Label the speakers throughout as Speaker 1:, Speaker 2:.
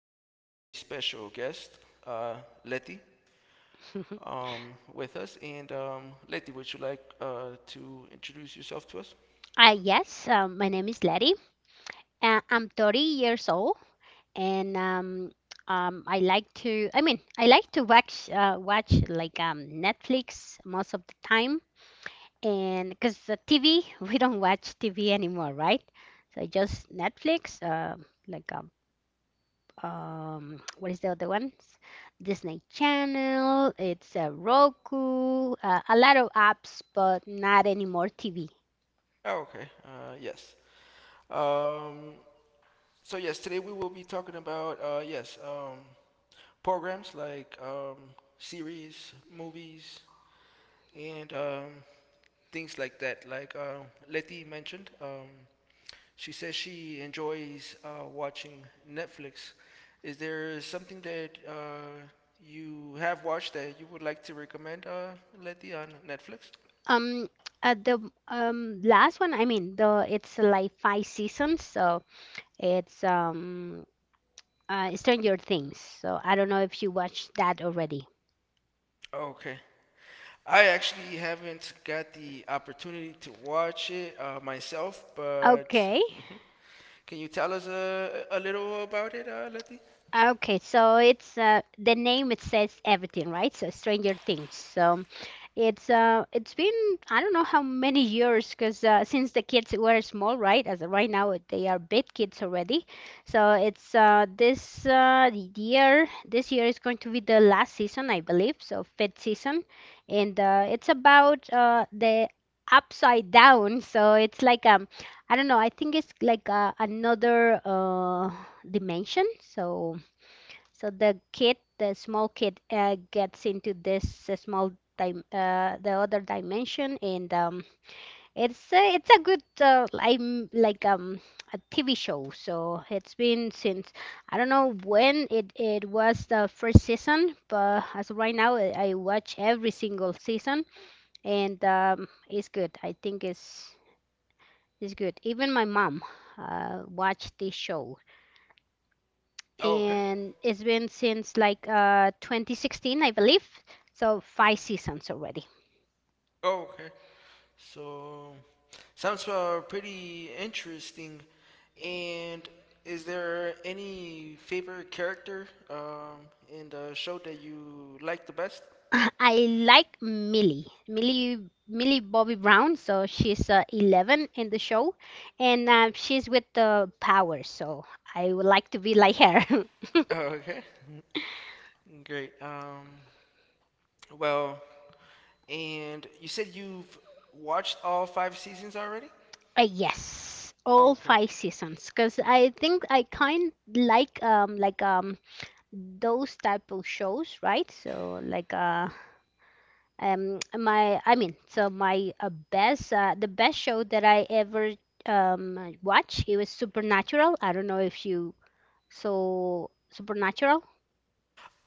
Speaker 1: have a very special guest, uh, Letty,
Speaker 2: Mhm.
Speaker 1: with us. And Letty, would you like to introduce yourself to us?
Speaker 2: Yes, my name is Letty. I'm 30 years old, and I like to watch Netflix most of the time, and because the TV, we don't watch TV anymore, right? So just Netflix, like um, what is the other one? Disney Channel. It's Roku. A lot of apps, but not anymore TV.
Speaker 1: Oh, okay. Yes. Um, so, yes, today we will be talking about, yes, programs like series, movies, and things like that. Like, Letty mentioned. She says she enjoys watching Netflix. Is there something that you have watched that you would like to recommend, Letty, on Netflix?
Speaker 2: Um, the last one, I mean, the It's like five seasons, so it's Stranger Things. So I don't know if you watched that already.
Speaker 1: Okay. I actually haven't got the opportunity to watch it myself, but
Speaker 2: Okay.
Speaker 1: mhm, can you tell us a little about it, Letty?
Speaker 2: Okay, so it's the name it says everything, right? So Stranger Things. So it's been, I don't know how many years, because since the kids were small, right? As of right now they are big kids already. So it's this year this year is going to be the last season, I believe. So fifth season, and it's about the upside down. So it's I don't know. I think it's like another dimension. So. So the kid, the small kid gets into this small time, the other dimension, and it's a good I'm like a TV show. So it's been since I don't know when it was the first season, but as of right now, I watch every single season, and it's good. I think it's good. Even my mom watched this show,
Speaker 1: Oh, okay.
Speaker 2: and it's been since 2016, I believe. So five seasons already.
Speaker 1: Oh, okay. So sounds pretty interesting. And is there any favorite character in the show that you like the best?
Speaker 2: I like Millie Bobby Brown. So she's 11 in the show, and she's with the power. So I would like to be like her.
Speaker 1: Oh, okay. Great. Well, and you said you've watched all five seasons already?
Speaker 2: Yes,
Speaker 1: Oh,
Speaker 2: all
Speaker 1: okay.
Speaker 2: five seasons. Because I think I kind those type of shows, right? So like my I mean so my best show that I ever watched, it was Supernatural. I don't know if you saw Supernatural.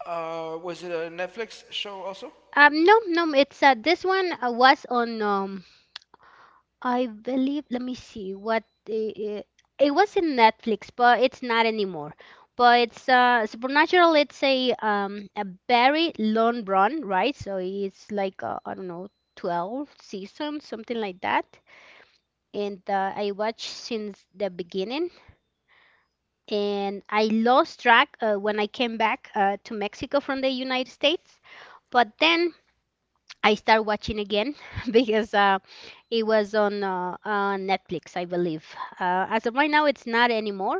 Speaker 1: Was it a Netflix show also?
Speaker 2: No, it's this one was on I believe, let me see what it was in Netflix but it's not anymore. But it's Supernatural. It's a very long run, right? So it's like I don't know, 12 seasons, something like that. And I watched since the beginning. And I lost track when I came back to Mexico from the United States. But then I started watching again because it was on Netflix, I believe. As of right now, it's not anymore.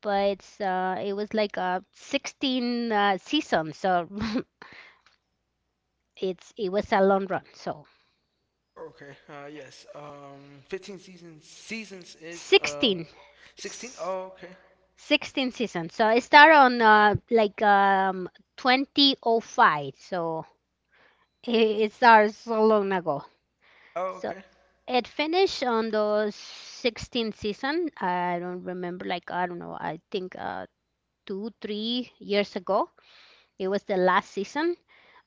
Speaker 2: But it was like 16 seasons, so it was a long run. So
Speaker 1: Okay. Yes. 15 seasons. Seasons is
Speaker 2: 16.
Speaker 1: 16. Oh, okay.
Speaker 2: 16 seasons. So it started on 2005. So it started so long ago.
Speaker 1: Oh,
Speaker 2: So
Speaker 1: okay.
Speaker 2: it finished on the 16th season. I don't remember. Like I don't know. I think 2, 3 years ago. It was the last season,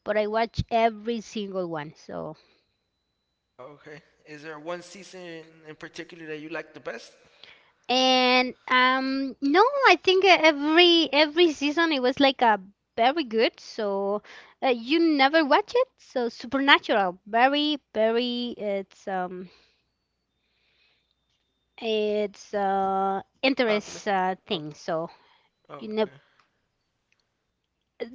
Speaker 2: but I watched every single one. So
Speaker 1: Okay. Is there one season in particular that you like the best?
Speaker 2: And No, I think every season it was like a very good. So you never watch it. So Supernatural, very very it's
Speaker 1: Popular?
Speaker 2: interest
Speaker 1: Oh,
Speaker 2: thing. So you never,
Speaker 1: okay.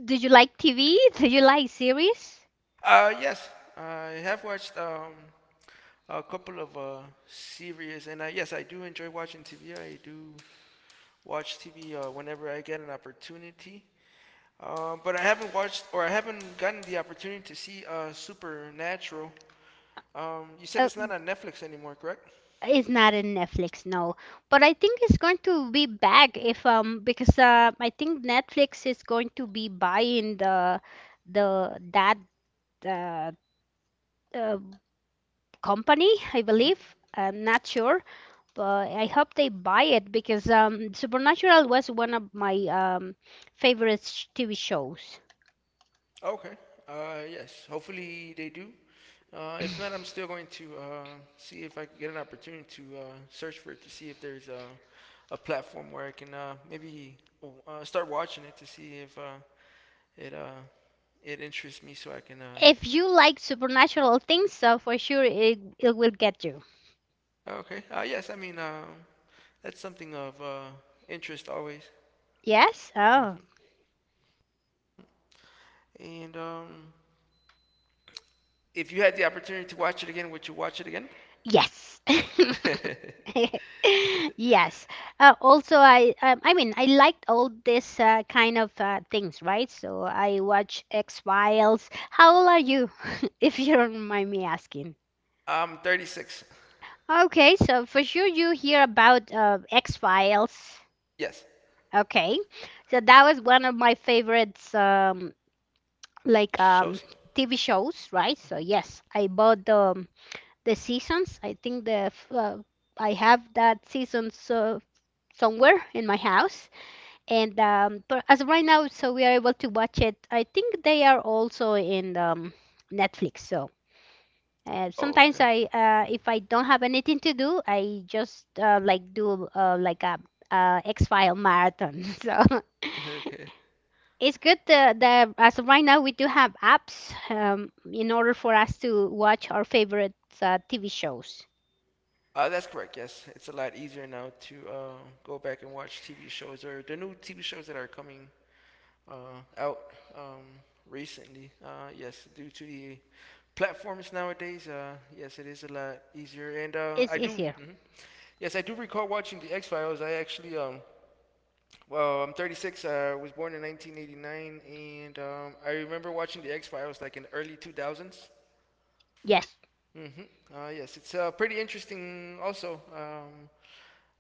Speaker 2: do you like TV? Do you like series?
Speaker 1: Yes, I have watched a couple of series, and I, yes, I do enjoy watching TV. I do watch TV whenever I get an opportunity. But I haven't watched, or I haven't gotten the opportunity to see Supernatural. You said
Speaker 2: Uh,
Speaker 1: it's not on Netflix anymore, correct?
Speaker 2: it's not in Netflix, no. But I think it's going to be back, if because I think Netflix is going to be buying the that uh, uh, company, I
Speaker 1: Mm-hmm.
Speaker 2: believe. I'm not sure, but I hope they buy it because Supernatural was one of my favorite TV shows.
Speaker 1: Okay. Yes. Hopefully they do. If not, I'm still going to see if I can get an opportunity to search for it to see if there's a platform where I can maybe start watching it to see if it it interests me, so I can.
Speaker 2: If you like supernatural things, so for sure it will get you.
Speaker 1: Oh, okay. Yes, I mean that's something of interest always.
Speaker 2: Yes? Oh,
Speaker 1: Mm-hmm. And if you had the opportunity to watch it again, would you watch it again?
Speaker 2: yes. Yes. Also, I liked all this kind of things, right? So I watch X-Files. How old are you, if you don't mind me asking?
Speaker 1: I'm 36.
Speaker 2: Okay, so for sure you hear about X-Files.
Speaker 1: Yes.
Speaker 2: Okay, so that was one of my favorites, like um,
Speaker 1: Shows.
Speaker 2: TV shows, right? So
Speaker 1: Mm-hmm.
Speaker 2: yes, I bought the seasons. I think I have that seasons somewhere in my house, and but as of right now, so we are able to watch it. I think they are also in Netflix. So
Speaker 1: Oh,
Speaker 2: sometimes if I don't have anything to do, I just like do like a, X-File marathon. So
Speaker 1: okay. Okay.
Speaker 2: it's good that as of right now we do have apps in order for us to watch our favorite TV shows.
Speaker 1: That's correct. Yes, it's a lot easier now to go back and watch TV shows or the new TV shows that are coming uh, out um, recently. Yes, due to the platforms nowadays, yes, it is a lot easier. And I
Speaker 2: It's
Speaker 1: do.
Speaker 2: easier.
Speaker 1: Mhm. Yes, I do recall watching the X Files. I actually, well, I'm 36. I was born in 1989, and I remember watching the X Files like in the early 2000s.
Speaker 2: Yes,
Speaker 1: Mm-hmm. Yes, it's pretty interesting also.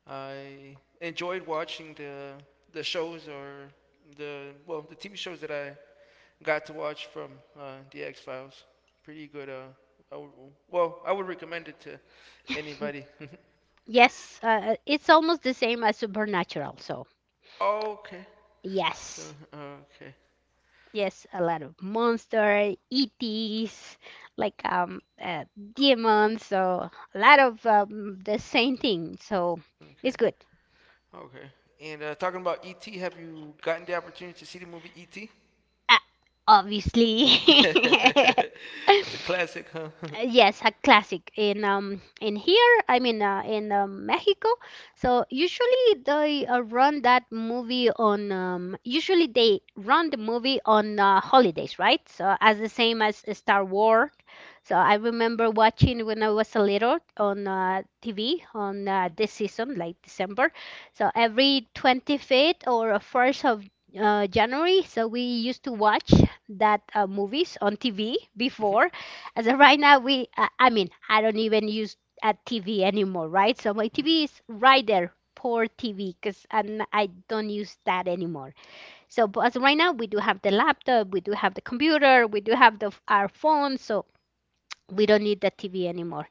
Speaker 1: I enjoyed watching the shows or the, well, the TV shows that I got to watch from the X Files. Pretty good. I would, well, I would recommend it to anybody.
Speaker 2: yes. It's almost the same as Supernatural. So
Speaker 1: Okay. So
Speaker 2: yes.
Speaker 1: okay,
Speaker 2: Yes, a lot of monster, ETs, like um uh, demons, so a lot of the same thing. So it's
Speaker 1: okay,
Speaker 2: good.
Speaker 1: okay. And talking about ET, have you gotten the opportunity to see the movie ET?
Speaker 2: Uh, Obviously.
Speaker 1: That's a classic, huh?
Speaker 2: Yes, a classic in here. In Mexico. So usually they run that movie on. Usually they run the movie on holidays, right? So as the same as Star Wars. So I remember watching when I was a little on TV on this season, like December. So every 25th or 1st of January, so we used to watch that movies on TV
Speaker 1: Mhm,
Speaker 2: before. As of right now, we, I mean, I don't even use a TV anymore, right? So my
Speaker 1: mhm.
Speaker 2: TV is right there, poor TV, because I don't use that anymore. So, but as of right now, we do have the laptop, we do have the computer, we do have our phone, so we don't need the TV anymore.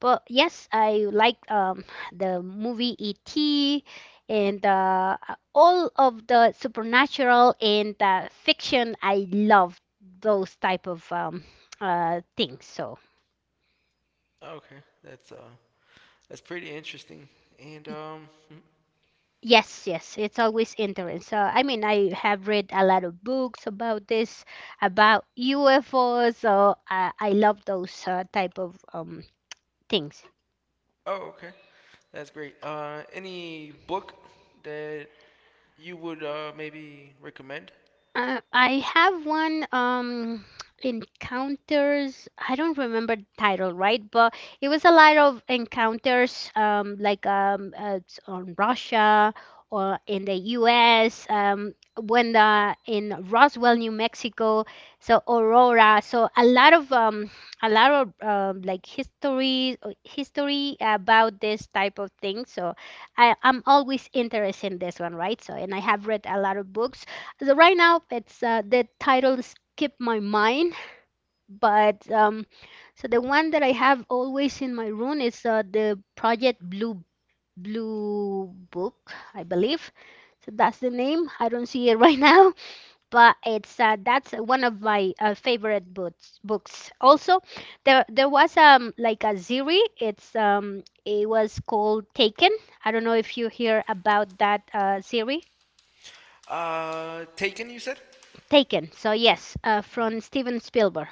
Speaker 2: But yes, I like the movie ET and all of the supernatural and fiction. I love those type of things. So.
Speaker 1: Okay, that's uh, that's pretty interesting. And mhm.
Speaker 2: Yes, yes, it's always interesting. So, I mean, I have read a lot of books about this, about UFOs. So, I love those type of things.
Speaker 1: Oh, okay. That's great. Any book that you would maybe recommend?
Speaker 2: I have one Encounters. I don't remember the title, right? But it was a lot of encounters, on Russia or in the U.S. When the in Roswell, New Mexico, so Aurora. So a lot of a lot of like history, history about this type of thing. So I'm always interested in this one, right? So and I have read a lot of books. So right now, it's the title skipped my mind, but so the one that I have always in my room is the Project Blue Book, I believe. So that's the name. I don't see it right now, but it's that's one of my favorite books. Books. Also, there was like a series. It's it was called Taken. I don't know if you hear about that series.
Speaker 1: Taken, you said?
Speaker 2: Taken. So yes, from Steven Spielberg.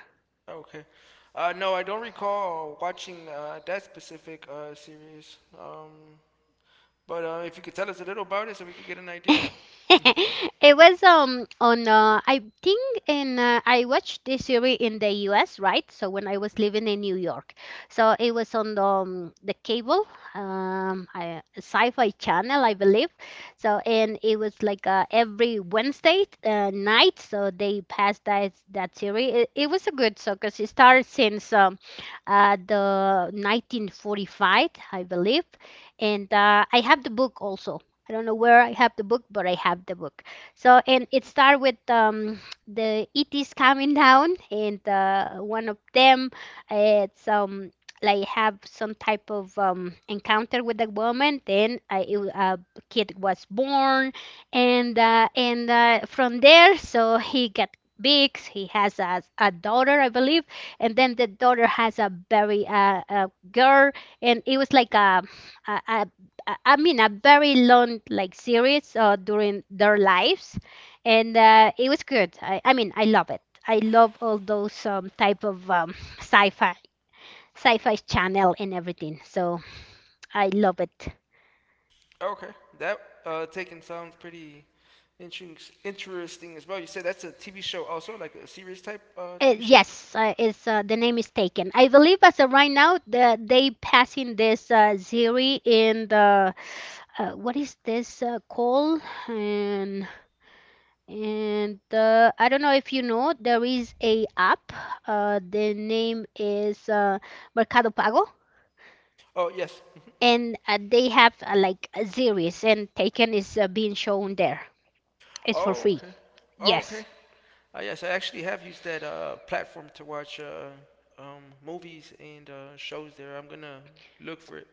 Speaker 1: Oh, okay. No, I don't recall watching that specific series. But if you could tell us a little about it so we could get an idea.
Speaker 2: It was on I think in I watched this series in the US, right? So when I was living in New York. So it was on the, the cable sci-fi channel, I believe. So and it was like every Wednesday night, so they passed that series. It was a good show because it started since the 1945, I believe. And I have the book also. I don't know where I have the book, but I have the book. So, and it started with the ETs coming down, and one of them, it's like have some type of encounter with a woman. Then a kid was born, and from there, so he got big. He has a daughter, I believe, and then the daughter has a very a girl, and it was like a a very long like series during their lives, and it was good. I love it. I love all those type of sci-fi, sci-fi channel and everything. So I love it.
Speaker 1: Oh, okay. That Taken sounds pretty interesting, interesting as well. You said that's a TV show also, like a series type TV show?
Speaker 2: Yes, is the name is Taken. I believe as of right now, they passing this Ziri in the what is this called? And I don't know if you know, there is a app. The name is Mercado Pago,
Speaker 1: Oh, yes.
Speaker 2: and they have like a series, and Taken is being shown there. It's for
Speaker 1: Oh,
Speaker 2: free.
Speaker 1: okay. Oh, okay.
Speaker 2: Yes,
Speaker 1: Yes, I actually have used that platform to watch movies and shows there. I'm gonna look for it.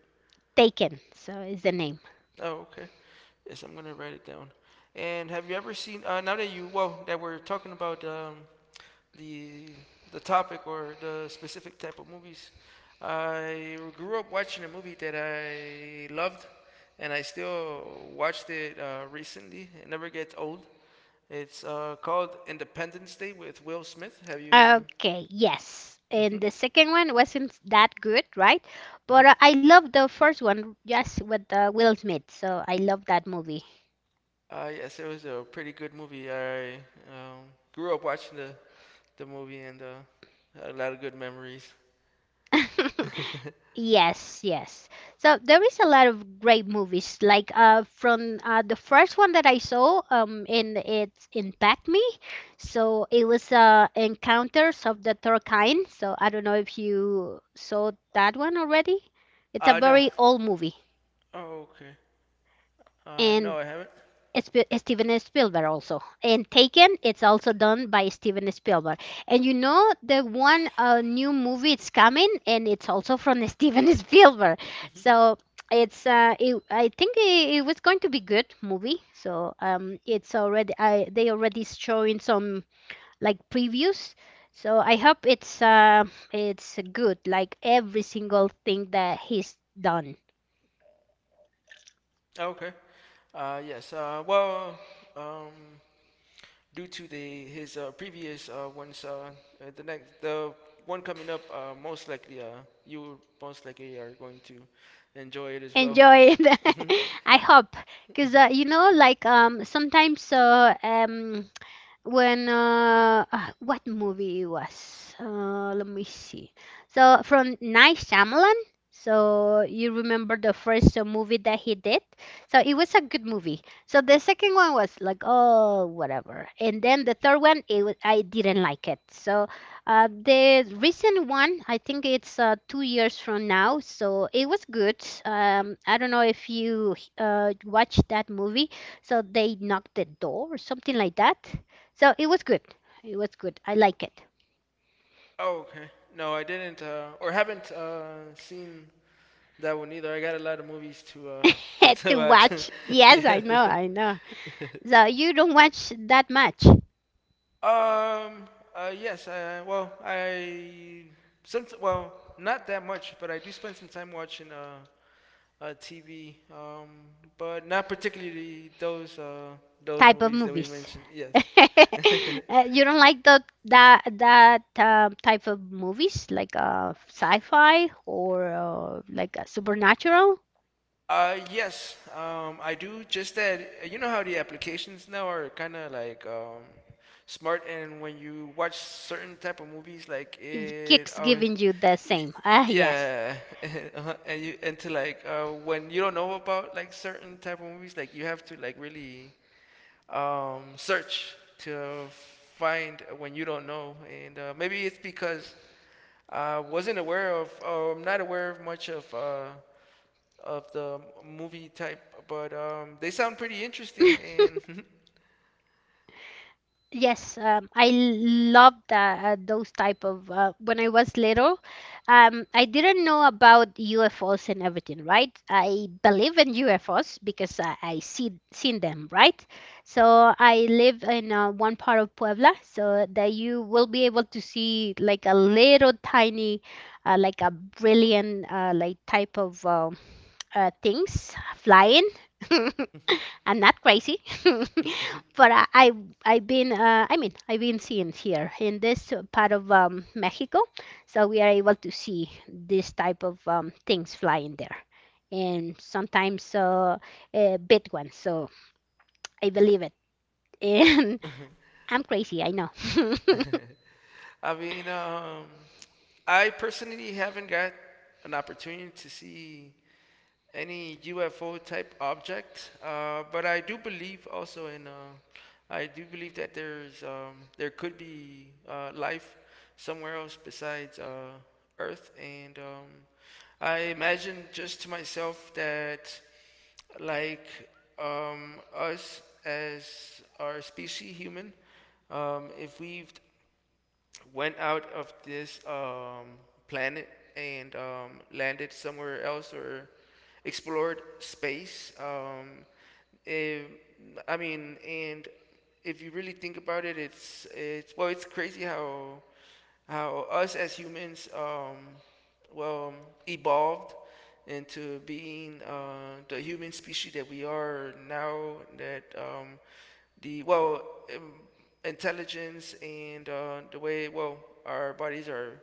Speaker 2: Taken. So is
Speaker 1: Hmm.
Speaker 2: the name.
Speaker 1: Oh, okay. Yes, I'm gonna write it down. And have you ever seen? Now that you, well, that we're talking about the the topic or the specific type of movies, I grew up watching a movie that I loved, and I still watched it recently. It never gets old. It's called Independence Day with Will Smith. Have you?
Speaker 2: Okay, yes. And
Speaker 1: Mhm.
Speaker 2: the second one wasn't that good, right? But
Speaker 1: Mhm.
Speaker 2: I love the first one, yes, with Will Smith. So I love that movie.
Speaker 1: Yes, it was a pretty good movie. I um, grew up watching the movie and had a lot of good memories.
Speaker 2: Yes, yes. So there is a lot of great movies. Like from the first one that I saw, in it's impact me. So it was Encounters of the Third Kind. So I don't know if you saw that one already. It's a
Speaker 1: No.
Speaker 2: very old movie,
Speaker 1: Oh, okay. No,
Speaker 2: and
Speaker 1: I haven't.
Speaker 2: Steven Spielberg also. And Taken, it's also done by Steven Spielberg. And you know the one new movie it's coming, and it's also from Steven Spielberg.
Speaker 1: Hmm.
Speaker 2: So it's I think it was going to be good movie. So it's already I they already showing some like previews. So I hope it's it's good, like every single thing that he's done.
Speaker 1: Okay. Yes. Well, um, due to the his previous ones, the one coming up, most likely you most likely are going to enjoy it as well.
Speaker 2: Enjoy it.
Speaker 1: Hmm.
Speaker 2: I hope, because you know, like sometimes when what movie it was? Let me see. So from Night Shyamalan. So you remember the first movie that he did? So it was a good movie. So the second one was like oh whatever, and then the third one it was, I didn't like it. So the recent one I think it's two years from now. So it was good. I don't know if you watched that movie. So they knocked the door or something like that. So it was good. It was good. I like it.
Speaker 1: Oh, okay. No, I didn't, or haven't seen that one either. I got a lot of movies to to
Speaker 2: To
Speaker 1: watch.
Speaker 2: watch. Yes, I
Speaker 1: Yeah.
Speaker 2: know, I know. So you don't watch that much
Speaker 1: Um. Yes. I. Well. I. Some. Well. Not that much, but I do spend some time watching TV. But not particularly those
Speaker 2: type of
Speaker 1: movies that we
Speaker 2: movies.
Speaker 1: mentioned. Yes.
Speaker 2: You don't like the that that type of movies like sci-fi or supernatural?
Speaker 1: Yes, I do. Just that you know how the applications now are kind of like smart, and when you watch certain type of movies, like
Speaker 2: It
Speaker 1: it,
Speaker 2: keeps
Speaker 1: oh,
Speaker 2: giving you the same. Ah, yes.
Speaker 1: yeah, uh-huh, and you and to like when you don't know about like certain type of movies, like you have to like really search to find when you don't know, and maybe it's because I wasn't aware of, or I'm not aware of much of. Of the movie type, but they sound pretty interesting. And
Speaker 2: Yes, I love that, those type of when I was little, I didn't know about UFOs and everything, right? I believe in UFOs because I see seen them, right? So I live in one part of Puebla, so that you will be able to see like a little tiny, like a brilliant like type of things flying. I'm not crazy, but I've been I mean I've been seeing here in this part of Mexico, so we are able to see this type of things flying there, and sometimes big ones. So I believe it, and I'm crazy. I know.
Speaker 1: I mean, I personally haven't got an opportunity to see any UFO type object. But I do believe also in, I do believe that there's, there could be life somewhere else besides Earth. And I imagine just to myself that, like, us as our species, human, if we've went out of this planet and landed somewhere else or explored space. Eh, I mean, and if you really think about it, it's well, it's crazy how us as humans, well, evolved into being the human species that we are now. That the well um, intelligence and the way, well, our bodies are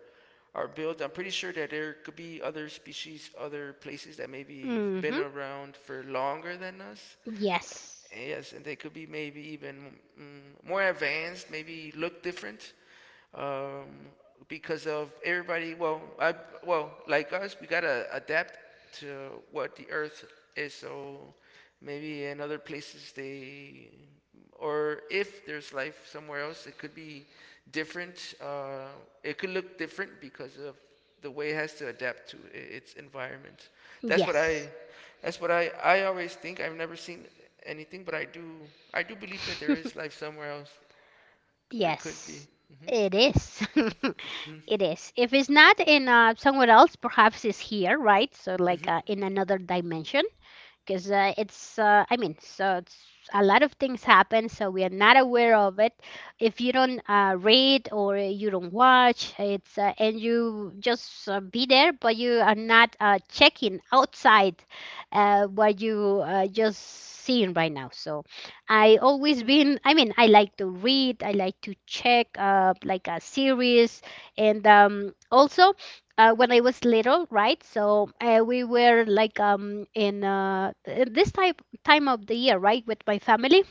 Speaker 1: are built. I'm pretty sure that there could be other species, other places that maybe been
Speaker 2: hmm
Speaker 1: around for longer than us,
Speaker 2: Yes,
Speaker 1: yes, and they could be maybe even more advanced, maybe look different um, because of everybody. Well, I, well, like us, we gotta adapt to what the Earth is. So maybe in other places they, or if there's life somewhere else, it could be different. It could look different because of the way it has to adapt to its environment. That's what I
Speaker 2: yes,
Speaker 1: that's what I always think. I've never seen anything, but I do believe that there is life somewhere else or could
Speaker 2: yes.
Speaker 1: be.
Speaker 2: It is. It is. If it's not in somewhere else, perhaps it's here, right? So, like
Speaker 1: Hmm.
Speaker 2: in another dimension because it's I mean so it's, a lot of things happen so we are not aware of it. If you don't read or you don't watch it's and you just be there but you are not checking outside what you just seeing right now. So I always been, I mean I like to read, I like to check like a series, and also when I was little, right? So we were like in this type time of the year, right, with my family.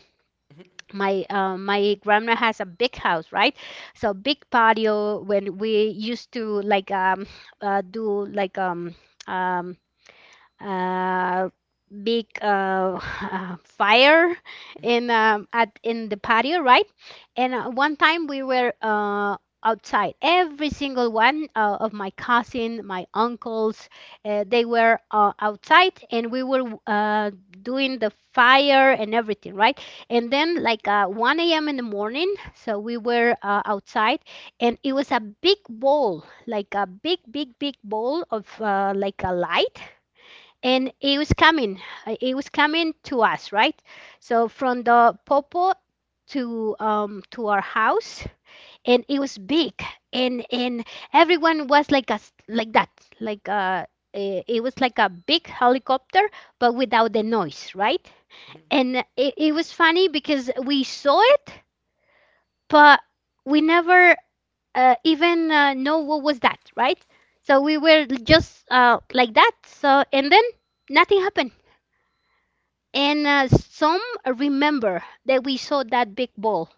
Speaker 1: Hmm.
Speaker 2: My grandma has a big house, right? So big patio. When we used to like do like um. Uh, big fire in
Speaker 1: Hmm.
Speaker 2: at in the patio, right? And one time we were outside. Every single one of my cousin, my uncles, they were outside, and we were doing the fire and everything, right? And then like 1 a.m. in the morning, so we were outside, and it was a big bowl, like a big, big, big bowl of like a light, and it was coming to us, right? So from the popo to our house, and it was big, and everyone was like us like that, like it was like a big helicopter but without the noise, right?
Speaker 1: Hmm.
Speaker 2: And it was funny because we saw it, but we never even know what was that, right? So we were just like that. So and then nothing happened. And some remember that we saw that big ball,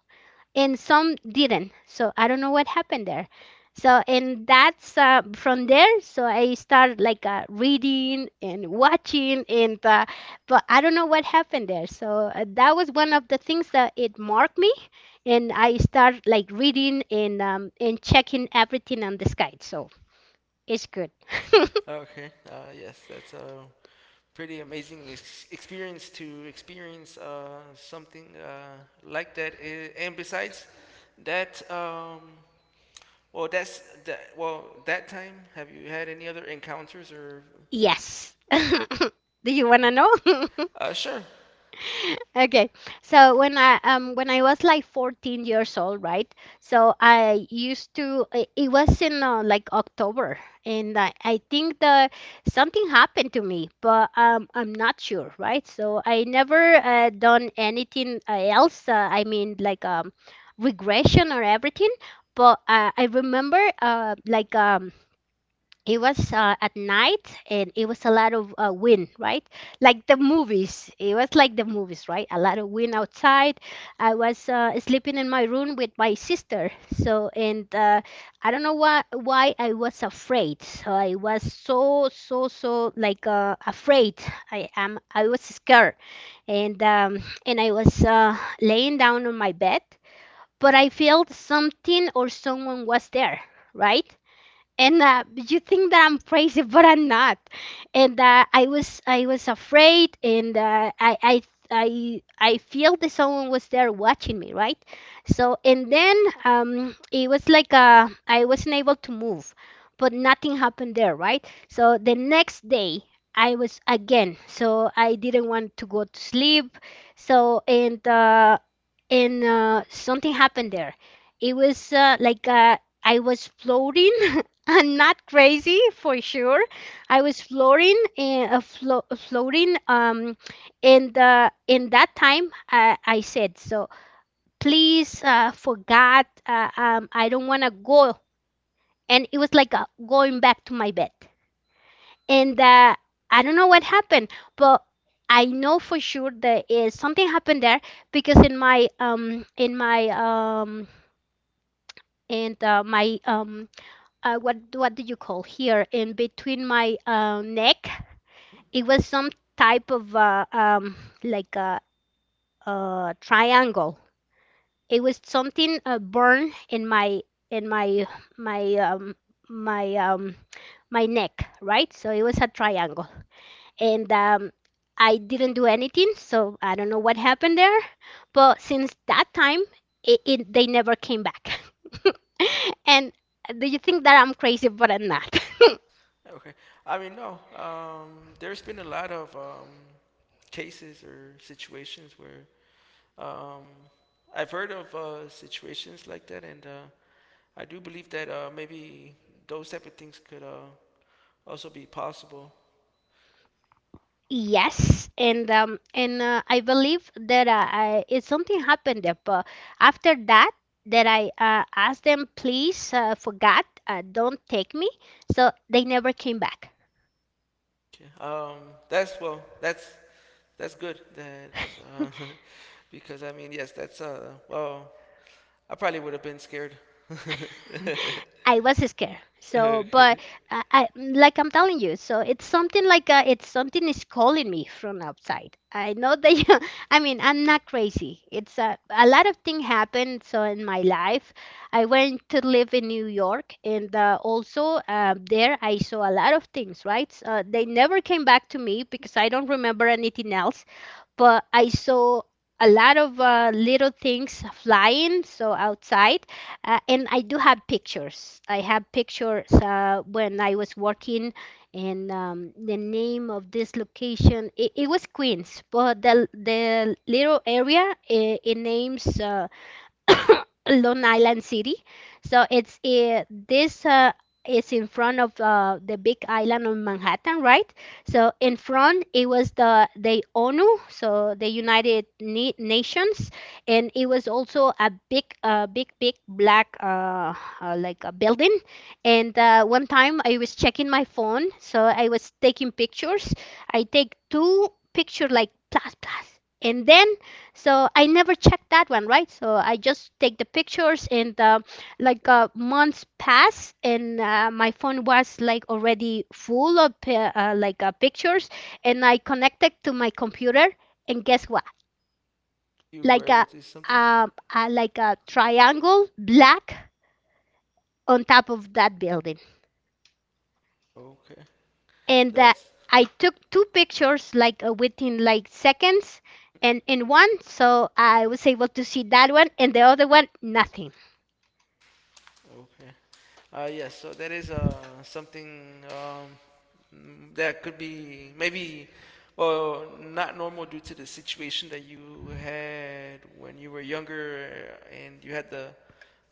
Speaker 2: and some didn't. So I don't know what happened there. So and that's from there. So I started like reading and watching, and but I don't know what happened there. So that was one of the things that it marked me, and I started like reading and checking everything on the sky. So it's good.
Speaker 1: Okay. Yes, that's a pretty amazing experience to experience something like that. And besides that, well, that's that. Well, that time. Have you had any other encounters or?
Speaker 2: Yes.
Speaker 1: Mm,
Speaker 2: Do you wanna know?
Speaker 1: Sure.
Speaker 2: Okay, so when I was like 14 years old, right? So I used to, it was in like October, and I think the something happened to me, but I'm not sure, right? So I never done anything else. I mean like regression or everything, but I remember it was at night and it was a lot of wind, right? Like the movies, it was like the movies, right? A lot of wind outside. I was sleeping in my room with my sister. So and I don't know why I was afraid, so I was so so so like afraid, I was scared, and um, and I was laying down on my bed, but I felt something or someone was there, right? And you think that I'm crazy, but I'm not. And I was afraid, and I feel that someone was there watching me, right? So and then it was like I wasn't able to move, but nothing happened there, right? So the next day. I was again, so I didn't want to go to sleep. So and something happened there. It was I was floating. I'm not crazy for sure. I was floating in a floating in the, in that time I said, so please for God, I don't want to go. And it was like going back to my bed, and I don't know what happened, but I know for sure there is something happened there. Because in my in my what do you call here in between my neck. It was some type of like a triangle. It was something burned in my my um, my um, my neck, right? So it was a triangle, and I didn't do anything. So I don't know what happened there, but since that time, it they never came back. And do you think that I'm crazy? But I'm not.
Speaker 1: Okay. I mean, no. There's been a lot of cases or situations where um, I've heard of situations like that, and I do believe that maybe those type of things could also be possible.
Speaker 2: Yes, and I believe that it something happened there. But after that, that I asked them, please, for God, don't take me. So they never came back.
Speaker 1: Okay. That's, well, that's good. That uh, because I mean, yes, that's. Well, I probably would have been scared.
Speaker 2: I was scared. So,
Speaker 1: Okay.
Speaker 2: but I like I'm telling you, so it's something like it's something is calling me from outside. I know that you, I mean, I'm not crazy. It's a lot of things happened. So in my life, I went to live in New York, and also there I saw a lot of things. Right? They never came back to me because I don't remember anything else, but I saw a lot of little things flying so outside. And I do have pictures. I have pictures when I was working, and the name of this location it was Queens, but the little area it names Long Island City. So it's this is in front of the big island of Manhattan, right? So in front it was the ONU, so the United Nations, and it was also a big, big, big black like a building. And one time I was checking my phone, so I was taking pictures. I take two picture, like plus plus, and then so I never checked that one, right? So I just take the pictures, and the, like months pass, and my phone was like already full of like pictures, and I connected to my computer, and guess what?
Speaker 1: You were
Speaker 2: Like
Speaker 1: able
Speaker 2: a
Speaker 1: to do something.
Speaker 2: like a triangle black on top of that building.
Speaker 1: Okay.
Speaker 2: And
Speaker 1: That's
Speaker 2: I took two pictures like within like seconds, and in one so I was able to see that one and the other one nothing.
Speaker 1: okay. Yes. So that is something, mm, that could be maybe, well, not normal due to the situation that you had when you were younger and you had the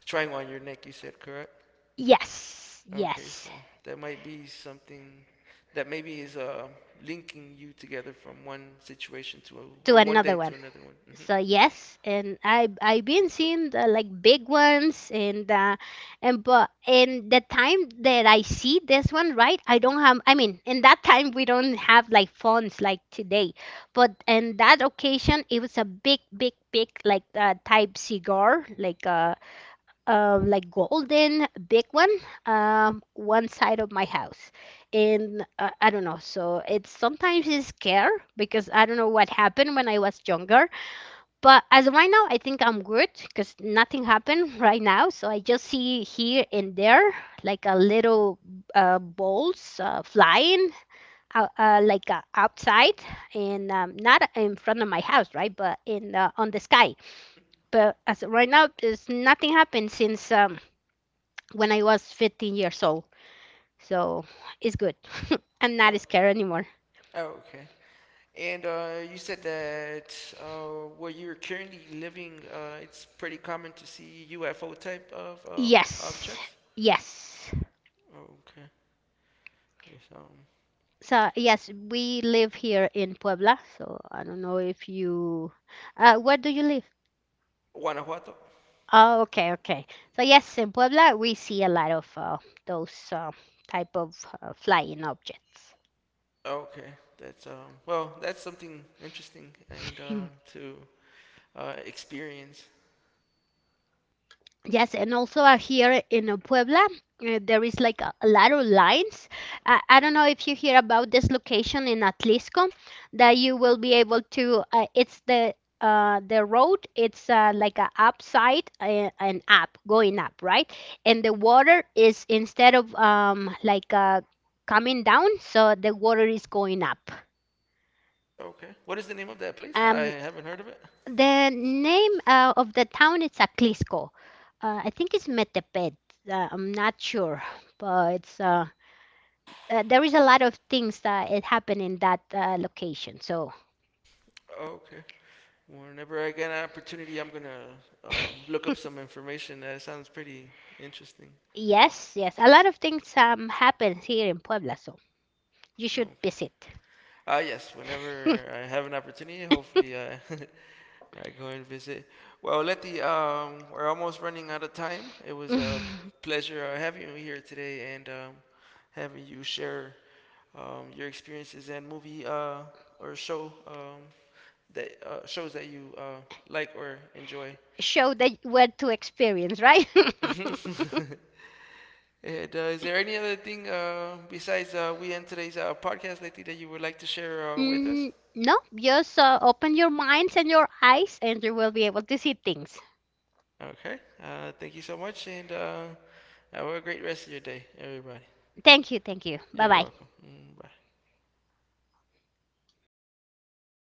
Speaker 1: triangle on your neck. You said, correct.
Speaker 2: Yes,
Speaker 1: Okay.
Speaker 2: yes,
Speaker 1: So that might be something that maybe is linking you together from one situation
Speaker 2: to
Speaker 1: or one day
Speaker 2: another
Speaker 1: to
Speaker 2: one.
Speaker 1: another one. Hmm.
Speaker 2: So yes, and I've been seeing the, like big ones and but and the time that I see this one, right? I don't have. I mean, in that time we don't have like phones like today, but in that occasion it was a big, big, big like type cigar, like golden big one, one side of my house. And I don't know, so it's sometimes it's scare because I don't know what happened when I was younger. But as of right now I think I'm good, because nothing happened right now. So I just see here and there like a little balls flying outside and not in front of my house, right, but in on the sky. But as of right now there's nothing happened since when I was 15 years old. So it's good. I'm not
Speaker 1: Okay.
Speaker 2: scared anymore.
Speaker 1: Okay. And you said that where you're currently living, it's pretty common to see UFO type of
Speaker 2: Yes,
Speaker 1: objects.
Speaker 2: yes.
Speaker 1: Okay. Yes.
Speaker 2: So yes, we live here in Puebla. So I don't know if you, where do you live?
Speaker 1: Guanajuato.
Speaker 2: Oh, okay, okay. So yes, in Puebla we see a lot of those type of flying objects.
Speaker 1: Okay. That's, well, that's something interesting and to experience.
Speaker 2: Yes, and also out here in Puebla, there is like a lot of lines. I don't know if you hear about this location in Atlisco that you will be able to. It's the road. It's like a upside and up, going up, right? And the water is instead of coming down, so the water is going up.
Speaker 1: Okay. What is the name of that place? I
Speaker 2: Um,
Speaker 1: haven't heard of it.
Speaker 2: The name of the town is Aclisco. I think it's Metepet. I'm not sure, but it's there is a lot of things that it happen in that location. So
Speaker 1: Okay. Whenever I get an opportunity, I'm gonna look up some information. That sounds pretty interesting.
Speaker 2: yes, yes, a lot of things happens here in Puebla. So you should
Speaker 1: Okay.
Speaker 2: visit.
Speaker 1: Yes, whenever I have an opportunity, hopefully I, I go and visit. Well, Letty, we're almost running out of time. It was a pleasure having you here today and having you share your experiences and movie, or show, that shows that you like or enjoy.
Speaker 2: Show that what to experience, right?
Speaker 1: And is there any other thing besides we end today's podcast, Letty, that you would like to share with us?
Speaker 2: Mm, no, just open your minds and your eyes, and you will be able to see things.
Speaker 1: Okay, thank you so much, and have a great rest of your day, everybody.
Speaker 2: Thank you, thank you. Bye
Speaker 1: You're
Speaker 2: bye.
Speaker 1: welcome. Mm. Bye.